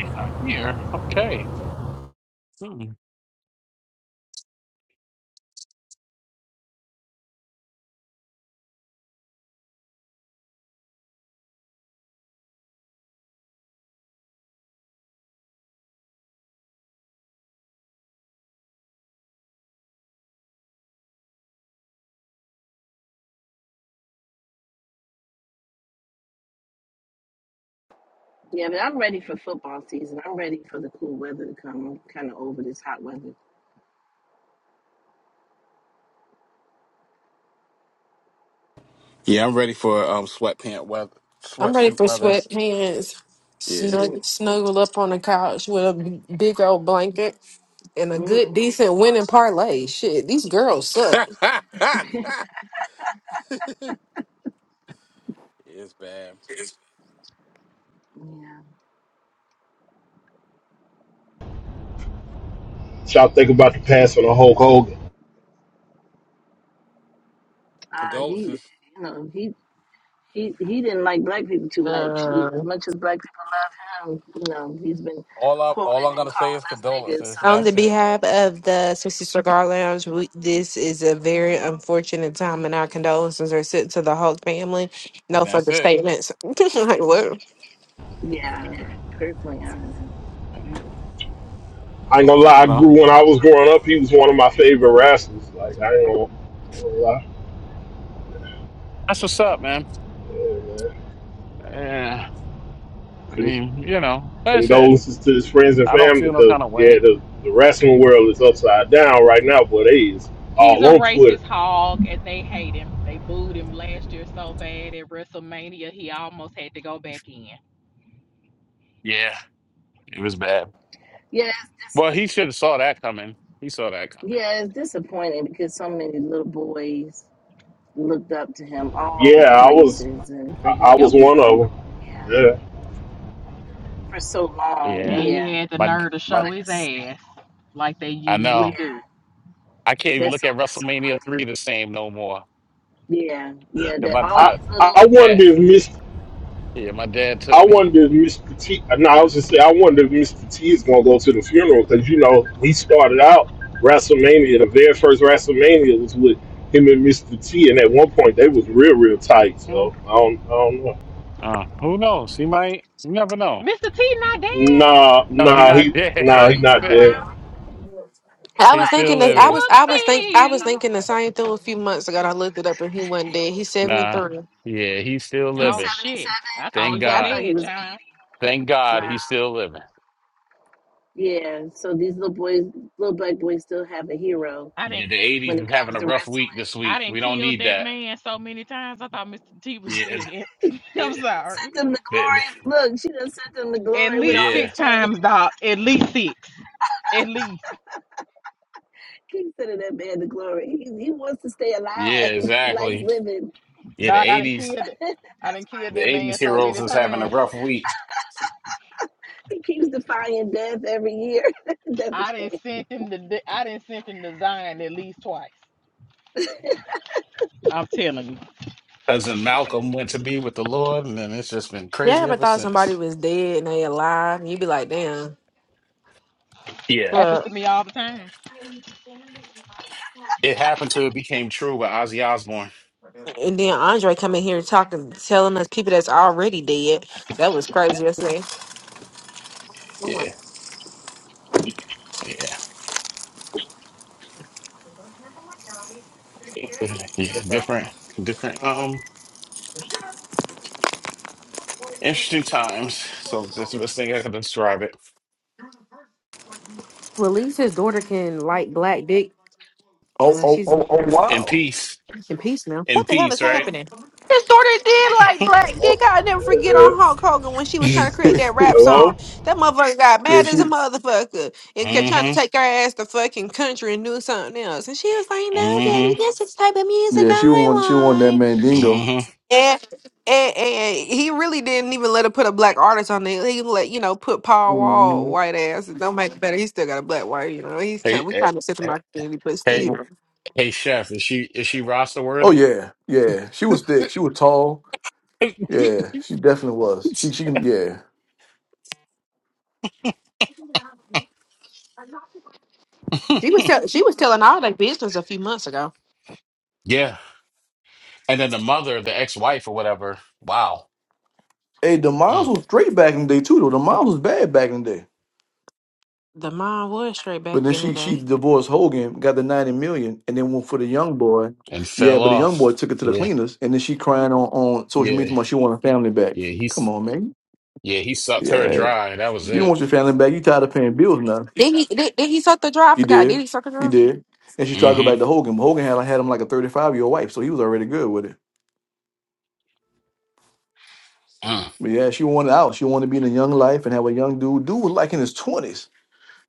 E: Yeah, here. Okay. Hmm.
D: Yeah, but I'm ready for football season. I'm ready for the cool weather to come. I'm kind of over this hot weather.
E: Yeah, I'm ready for um sweatpant weather,
G: [laughs] I'm ready
E: sweatsuit
G: for
E: weather.
G: sweatpants.
E: Yeah,
D: mm
G: Snug, snuggle up on the couch with a big old blanket and a
D: mm.
G: good, decent winning parlay. Shit, these girls
E: [laughs]
G: suck.
E: it's bad.
D: mm. Yeah,
C: Y'all think about the pass on the Hulk Hogan.
D: I need it.
E: Condolences.
D: You know, he He he didn't like black people too much. As
G: Um,
D: much as black people love him, you know, he's been
E: All I
D: quoted
E: all
D: and
E: I'm gonna say is
D: calling us niggas.
E: condolences, and
G: On
D: So
G: the
E: that's it.
G: behalf of the Sixty Cigar Lounge, we, this is a very unfortunate time, and our condolences are sent to the Hulk family. No
E: And that's
G: further
E: it.
G: statements. [laughs] like what?
D: yeah, personally, I don't
E: I
C: I ain't gonna lie, I
D: know.
E: don't.
C: grew when I was growing up, he was one of my favorite wrestlers. Like I ain't gonna, I ain't gonna lie.
E: That's what's up, man.
C: Yeah, man.
E: Yeah. I
C: Con-
E: mean, you know, like I said,
C: condolences to his friends and
E: I don't
C: family
E: feel no
C: because
E: kind of
C: yeah,
E: way.
C: the, the wrestling world is upside down right now, but they is
I: He's
C: all
I: a
C: on Twitter.
I: racist hog, and they hate him. They booed him last year so bad at WrestleMania, he almost had to go back in.
E: Yeah, it was bad.
D: yeah, it's
E: Well, he should have saw that coming. He saw that
D: dis-
E: coming.
D: yeah, it's disappointing because so many little boys looked up to him,
C: Yeah,
D: all
C: I was
D: races, and
C: I,
D: for him
C: I
D: to
I: Yep.
C: was one
D: become
C: of
D: yeah
C: them. Yeah.
D: for so long,
I: And
E: Yeah,
D: yeah,
I: he had the
E: my
I: nerve to
E: my,
D: he's
I: show
D: like a
I: his ass
D: staple.
I: like they
E: I
I: usually
E: know.
I: do.
D: Yeah,
E: I can't even
D: that's
E: look
D: so
E: at WrestleMania three the same no more.
D: disappointing. Yeah, yeah,
E: 'Cause
D: that
E: My
D: all
C: I
E: I,
D: these little
E: my
C: I
E: dad,
C: wonder if Miss
E: yeah, my dad took
C: I
E: me.
C: wonder if Mr. T. No, I was
E: But,
C: just saying, I wonder if Mr. T is going to go to the funeral because you know he started out WrestleMania. The very first WrestleMania was with him and Mr. T, and at one point they was real, real tight.
E: mm,
C: So I don't, I don't know.
E: Uh, who knows? He might. You never know.
I: Mr. T not dead.
C: Nah,
E: No, he
C: nah,
E: not
C: he,
D: no,
C: nah, he
E: dead.
D: he's
C: not
D: still
E: [laughs]
C: dead.
D: around. He's
G: I
E: he's
G: was
D: about
E: still
G: thinking that
D: 80.
G: I
E: living.
G: was
D: He's
G: I was
D: about
G: think
D: 80
G: I
D: years
G: was
I: Whoopsies.
D: old.
G: thinking the same thing a few months ago. and I looked it up, and he wasn't dead. He's seventy
E: Nah,
G: three.
E: yeah, he's still
D: He's
I: Oh
E: living.
D: 77.
I: shit. I
D: Oh,
I: thought
E: Thank
I: he
D: okay.
I: was
D: I
E: God.
D: thought he
I: dead,
D: was
I: child.
D: 80.
E: Thank God he's
D: Wow.
E: still living.
D: Yeah. So these little boys, little black boys, still have a hero
I: I
E: Yeah,
I: didn't
E: the
D: when
E: '80s
D: it
E: is having
D: comes
E: a
D: to
E: rough week
D: wrestling.
E: this
I: I
E: week.
I: didn't
E: We don't
I: kill
E: need
I: that
E: that.
I: man so many times. I thought Mr. T was
E: Yeah, th-
I: dead.
D: [laughs]
I: [laughs] I'm
E: th-
D: You
I: sorry.
D: sent them to
E: th-
D: glory. Look, she done sent them to
I: At
D: glory with
I: least
D: all
E: yeah.
D: his
I: six
D: chains.
I: times, dog. At least six. At least.
D: [laughs] Keep sending that man to glory. He, he wants to stay
E: Yeah,
D: alive. [laughs] He likes
E: exactly.
D: living.
E: Yeah, the
I: Doc, I done
E: eighties,
I: killed it. I done
D: That's
I: killed
E: the
D: funny.
I: that
E: eighties
I: man so
E: heroes
I: many
E: is having a
I: times.
E: rough week.
D: He keeps defying death every year. [laughs] That's a
I: I didn't
D: shame.
I: send him to I didn't send him to Zion at least twice. I'm telling you,
E: Cousin Malcolm went to be with the Lord, and then it's just been
G: You
E: crazy
G: ever
E: ever
G: thought somebody
E: since.
G: was dead and they alive? You'd be like, damn.
E: Yeah,
I: happens
G: Well,
I: to me all the time.
E: it happened to it became true with Ozzy Osbourne.
G: and then Andre come in here talking, telling us people that's already dead. That was crazy yesterday. I'm like,
E: Yeah, yeah, yeah. yeah, Different, different. Um, interesting times. So that's the best thing I can describe it.
G: well, at least his daughter can like black dick.
B: Oh,
G: Well,
B: oh,
G: she's in,
B: oh, oh
G: there
E: In
B: wow.
E: peace,
G: in peace now.
E: in
I: What the hell is
E: peace, right?
I: happening?
G: His daughter did like
E: [laughs]
G: black
C: Oh,
G: dick. I'll never forget
C: uh,
G: on
C: uh,
G: Hulk Hogan when she was trying to
B: [laughs]
G: create that rap
B: yeah,
G: song.
C: hello.
G: That motherfucker got mad as
B: she
G: a motherfucker and kept trying to
E: Mm-hmm.
G: take her ass to fucking country and do something else. And she was like, no, daddy,
E: Mm-hmm.
G: this is the type of music
B: yeah, she won she won
G: I
B: that
G: like.
B: Mandingo.
E: Mm-hmm.
G: And, and, and he really didn't even let her put a black artist on there. He let you know put Paul Wall
B: Mm-hmm.
G: white ass. It don't make it better. He still got a black wife. You know he's
E: Hey,
G: trying. We
E: eh,
G: trying to set the
E: eh,
G: my community, but
E: hey,
G: still,
E: hey, chef, is she is she roster
B: Oh
E: worthy?
B: yeah, yeah. She was thick. She was tall. Yeah, she definitely was. She she can yeah.
E: [laughs]
G: she was tell, she was telling all that business a few months ago.
E: Yeah. And then the mother, the ex-wife or whatever, wow.
B: Hey, the Miles
E: Mm.
B: was straight back in the day too though. The Miles was bad back in the day.
G: The mom was straight
B: But
G: back
B: then
G: in the
B: she she
G: day.
B: divorced Hogan, got the ninety million, and then went for the young boy.
E: And
B: Yeah,
E: fell
B: but the young boy
E: off.
B: took it to the
E: Yeah.
B: cleaners, and then she crying on, on social media
E: Yeah.
B: tomorrow she want her family back.
E: Yeah.
B: Come
E: He's
B: on, man.
E: yeah, he sucked her
B: Yeah.
E: dry. That was
B: You don't
E: it.
B: want your family back. You tired of paying bills now.
G: Did he did, did he suck the draw? I
B: You
G: forgot. Did
B: did.
G: he suck the
B: You
G: draw?
B: did. And she tried to go back
E: Mm-hmm.
B: to Hogan. but Hogan had like, had him like a thirty five year old wife, so he was already good with it.
E: Mm.
B: But yeah, she wanted out. She wanted to be in a young life and have a young dude. Dude was like in his twenties.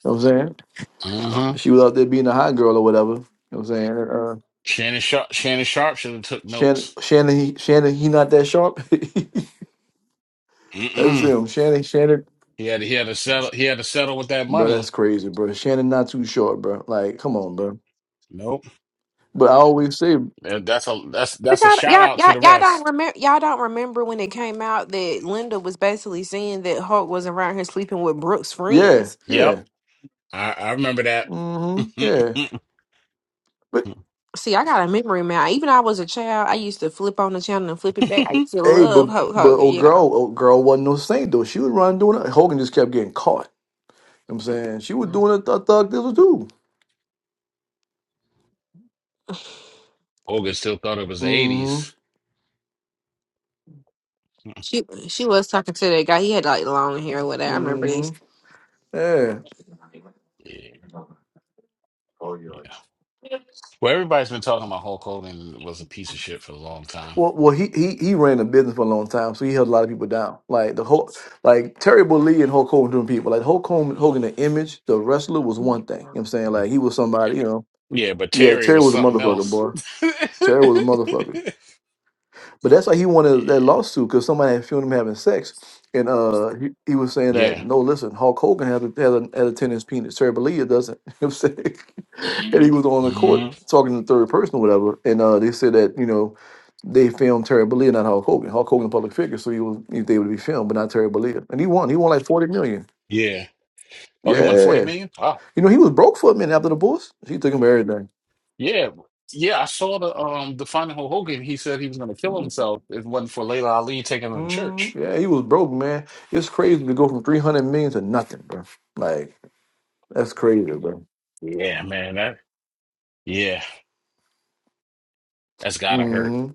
B: know what I'm saying?
E: hmm Uh mm hmm
B: She was out there being a hot girl or whatever. You know what I'm saying? Uh,
E: Shannon Sharp Shannon Sharp should have took
B: Shannon,
E: notes.
B: Shannon, he, Shannon, he not that sharp. [laughs] that's
E: Mm-mm.
B: him. Shannon, Shannon,
E: He had he had to settle he had to settle with that
B: bro, that's
E: money.
B: crazy, bro. Shannon, not too short, bro. Like, come on, bro.
E: Nope.
B: But I always say,
E: And That's a that's
G: But
E: that's a
G: y'all,
E: shout
G: y'all,
E: out to
G: y'all,
E: the
G: y'all don't
E: rest.
G: remember. Y'all don't remember when it came out that Linda was basically saying that Hulk was around here sleeping with Brooke's
B: yeah,
G: friends.
E: Yep.
B: yeah,
E: I, I remember that.
B: mm-hmm, yeah.
E: [laughs]
B: But
G: See, I got a memory man. Even I was a child, I used to flip on the channel and flip it back. I used to
B: hey, but
G: love Hulk
B: but
G: Hogan.
B: old
G: You
B: girl,
G: know,
B: old girl wasn't no saint though. She was running doing it. Hogan just kept getting caught. You know what I'm saying she was doing a th- thug thistle too.
E: Hogan still thought it was the eighties.
B: Mm-hmm.
G: she she was talking to that guy. He had like long hair, or whatever. I remember
B: Mm-hmm.
G: this.
B: Yeah.
E: Yeah. Well, everybody's been talking about Hulk Hogan was a piece of shit for a long time.
B: Well, well, he he he ran a business for a long time, so he held a lot of people down. Like the whole, like Terry Bollea and Hulk Hogan, doing people. Like Hulk Hogan, Hogan, the image, the wrestler was one thing. You know what I'm saying like he was somebody, you know.
E: Yeah, but
B: Yeah,
E: Terry
B: Terry
E: was
B: was a
E: something
B: motherfucker,
E: else.
B: boy.
E: [laughs]
B: Terry was a motherfucker.
E: yeah.
B: But that's why he wanted that lawsuit because somebody had filmed him having sex, and uh, he, he was saying that
E: Yeah.
B: no, listen, Hulk Hogan had a had a, had a ten inch penis, Terry Bollea doesn't, [laughs] you know what I'm saying? and he was on the court
E: hmm
B: talking in the third person or whatever, and uh, they said that you know they filmed Terry Bollea, not Hulk Hogan. Hulk Hogan, a public figure, so he was he was able to be filmed, but not Terry Bollea, and he won. He won like forty million.
E: Yeah. Oh, he won 40
B: Yeah,
E: million? Wow.
B: you know he was broke for a minute after the Bulls. She took him everything.
E: Yeah. Yeah, I saw the um the final Hulk Hogan. He said he was gonna kill himself if it wasn't for Layla Ali taking him to
B: Mm,
E: church.
B: yeah, he was broke, man. It's crazy to go from three hundred million to nothing, bro. Like. That's crazy, bro.
E: Yeah, man. That yeah, that's gotta hurt.
B: hmm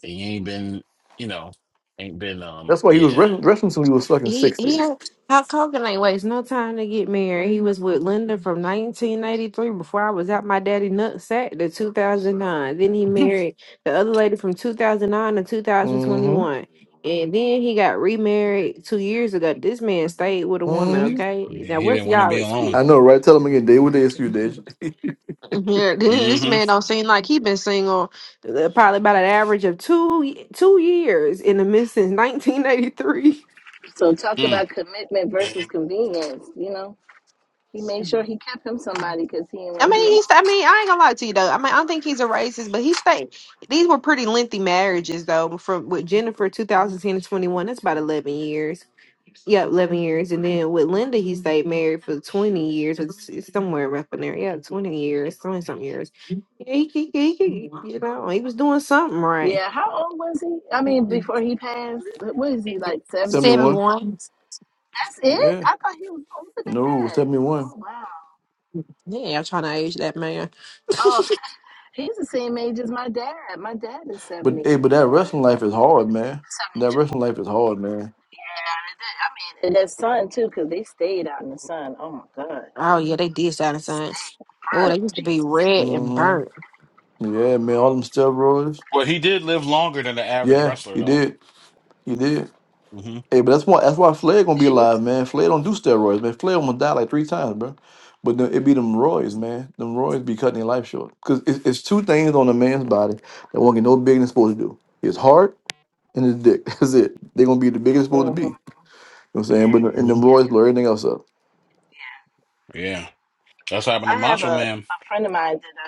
E: He ain't been, you know, ain't been um
B: That's why he was
E: yeah.
B: wrestling, wrestling till he was fucking
G: He he
B: 60.
G: had Hulk Hogan ain't waste no time to get married. He was with Linda from 1983 before I was out my daddy nut sack to 2009. Then he married the other lady from 2009 to
B: hmm
G: 2021. And then he got remarried two years ago. This man stayed with a woman,
B: hmm
G: okay?
E: Yeah,
G: Now,
E: he
G: what's
E: didn't want to
G: y'all
E: be alone.
B: I
G: excuse?
B: know, right? Tell him again, Dave. What day is you, Dave?
G: Yeah, [laughs] this man
E: Mm-hmm.
G: don't seem like he been single uh, probably about an average of two y- two years in the midst since [laughs] 1983.
D: So talk about commitment
E: Mm.
D: versus convenience. You know. He made sure he kept him somebody because he didn't want
G: I
D: to be
G: mean,
D: alone.
G: he's. I mean, I ain't gonna lie to you though. I mean, I don't think he's a racist, but he stayed. These were pretty lengthy marriages though. From with Jennifer, 2010 to 21, that's about 11 years. Yeah, 11 years, and then with Linda, he stayed married for 20 years, or s- somewhere up in there. Yeah, 20 years, 20 something years. Yeah, he, he, he, he- you know, he was doing something right.
D: Yeah, how old was he? I mean, before he passed, what is he like seventy
B: 71?
D: something? That's it.
B: Yeah.
D: I thought he was older than
B: No,
D: that.
B: 71.
D: Oh wow.
G: Yeah, I'm trying to age that man. [laughs]
D: Oh, he's the same age as my dad. My dad is
B: But
D: seventy
B: hey, but that
D: one,
B: wrestling life is
D: seventy
B: hard, man. That
D: two.
B: wrestling life is hard, man.
D: Yeah, I mean, that sun too, because they stayed out in the sun. Oh my God,
G: Oh yeah, they did sound
D: he
G: the same.
D: stayed
G: Oh, they
D: burnt.
G: used to be
D: Jesus,
G: red and
B: hmm
G: burnt.
B: Yeah, man. All them steroids.
E: Well, he did live longer than the average
B: Yeah,
E: wrestler,
B: he
E: though.
B: did. He did.
E: hmm
B: Hey, but that's why that's why Flair gonna be
D: Jesus.
B: alive, man. Flair don't do steroids, man. Flair gonna die like three times, bro. But then it be them roids, man. Them roids be cutting their life short. Cause it's, it's two things on a man's body that won't get no bigger than it's supposed to do. His heart and his dick. [laughs] That's it. They gonna be the biggest it's supposed to be.
D: hmm
B: You know what I'm saying? But
D: Yes,
B: and
E: hmm
B: them
D: yeah,
B: roids blur everything else up.
D: yeah.
E: Yeah, that's what happened
D: I
E: to
D: have
E: Macho
D: a, a
E: Man. And
D: friend of mine that I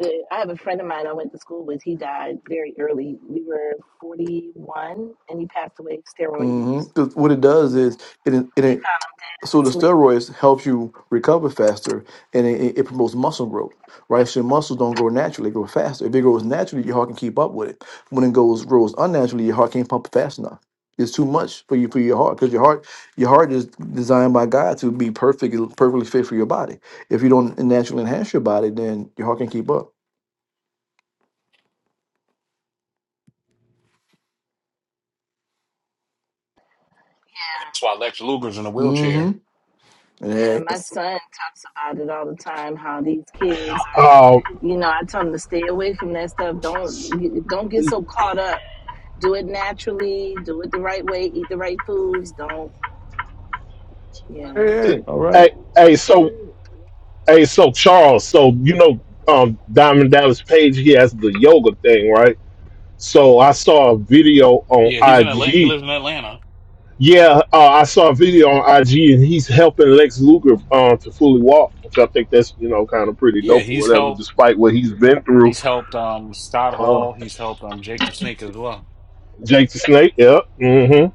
D: Good. I have a friend of mine I went to school with. He died very early. We were 41 and he passed away of steroid use.
B: Mm-hmm. Cause what it
D: Yeah.
B: does is it,
D: They
B: it
D: found him dead in
B: So
D: his
B: the
D: sleep.
B: steroids helps you recover faster, and it, it it promotes muscle growth, right? So your muscles don't grow naturally; they grow faster. If it grows naturally, your heart can keep up with it. When it goes grows unnaturally, your heart can't pump fast enough. It's too much for you for your heart because your heart your heart is designed by God to be perfect, perfectly fit for your body. If you don't naturally enhance your body, then your heart can keep up.
D: Yeah.
E: that's why Lex Luger's in a wheelchair.
B: Mm-hmm.
D: Yeah.
B: Hey, hey,
D: My son talks about it all the time how these kids
C: Um,
D: are, you know, I tell them to stay away from that stuff. Don't don't get so caught up. Do it naturally, do it the right way, eat the right foods. Don't, yeah.
B: hey, all right.
C: hey, hey, so, hey, so Charles, so you know, um, Diamond Dallas Page, he has the yoga thing, right? So I saw a video on
E: Yeah, he's in Atlanta. He
C: IG
E: lives in Atlanta.
C: Yeah, uh, I saw a
E: hmm
C: video on IG, and he's helping Lex Luger um, to fully walk, which I think that's you know kind of pretty
E: Yeah,
C: dope or
E: he's
C: whatever,
E: helped.
C: despite what he's been through.
E: He's helped um, Scott
C: Uh,
E: Hall. He's helped um, Jake the Snake as well.
C: Jake the Snake, yeah, hmm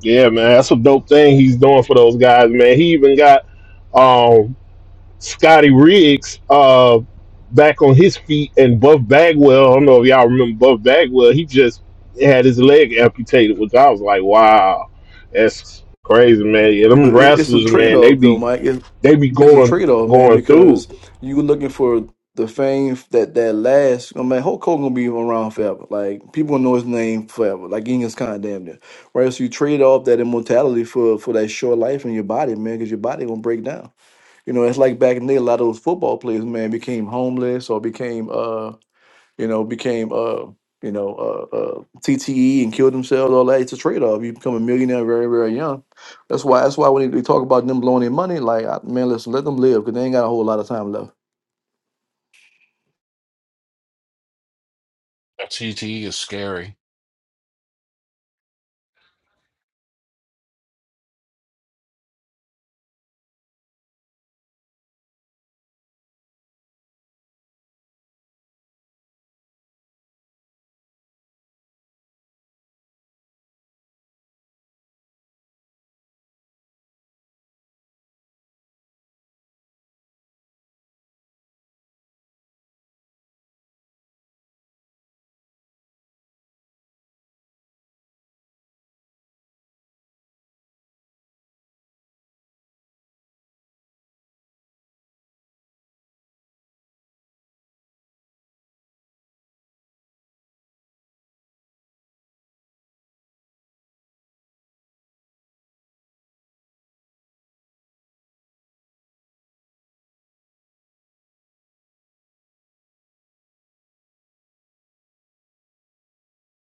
C: yeah, man, that's a dope thing he's doing for those guys, man. He even got um, Scotty Riggs uh, back on his feet, and Buff Bagwell. I don't know if y'all remember Buff Bagwell. He just had his leg amputated, which I was like, wow, that's crazy, man. Yeah, them
B: But it, it's a
C: wrestlers,
B: trade
C: man, they
B: off,
C: be
B: though, Mike.
C: they be
B: it's a
C: going
B: trade-off, man,
C: going through
B: because you looking for the fame that that lasts. I mean, Hulk Hogan gonna be around forever. Like people gonna know his name forever. Like Genghis Khan, damn near. Right, so you trade off that immortality for for that short life in your body, man, because your body gonna break down. You know, it's like back in the day, a lot of those football players, man, became homeless or became uh you know, became uh, you know, uh, uh, TTE and killed themselves, all that. It's a trade off. You become a millionaire very, very young. That's why. That's why when we talk about them blowing their money, like I- man, listen, let them live because they ain't got a whole lot of time left.
E: That CTE is scary.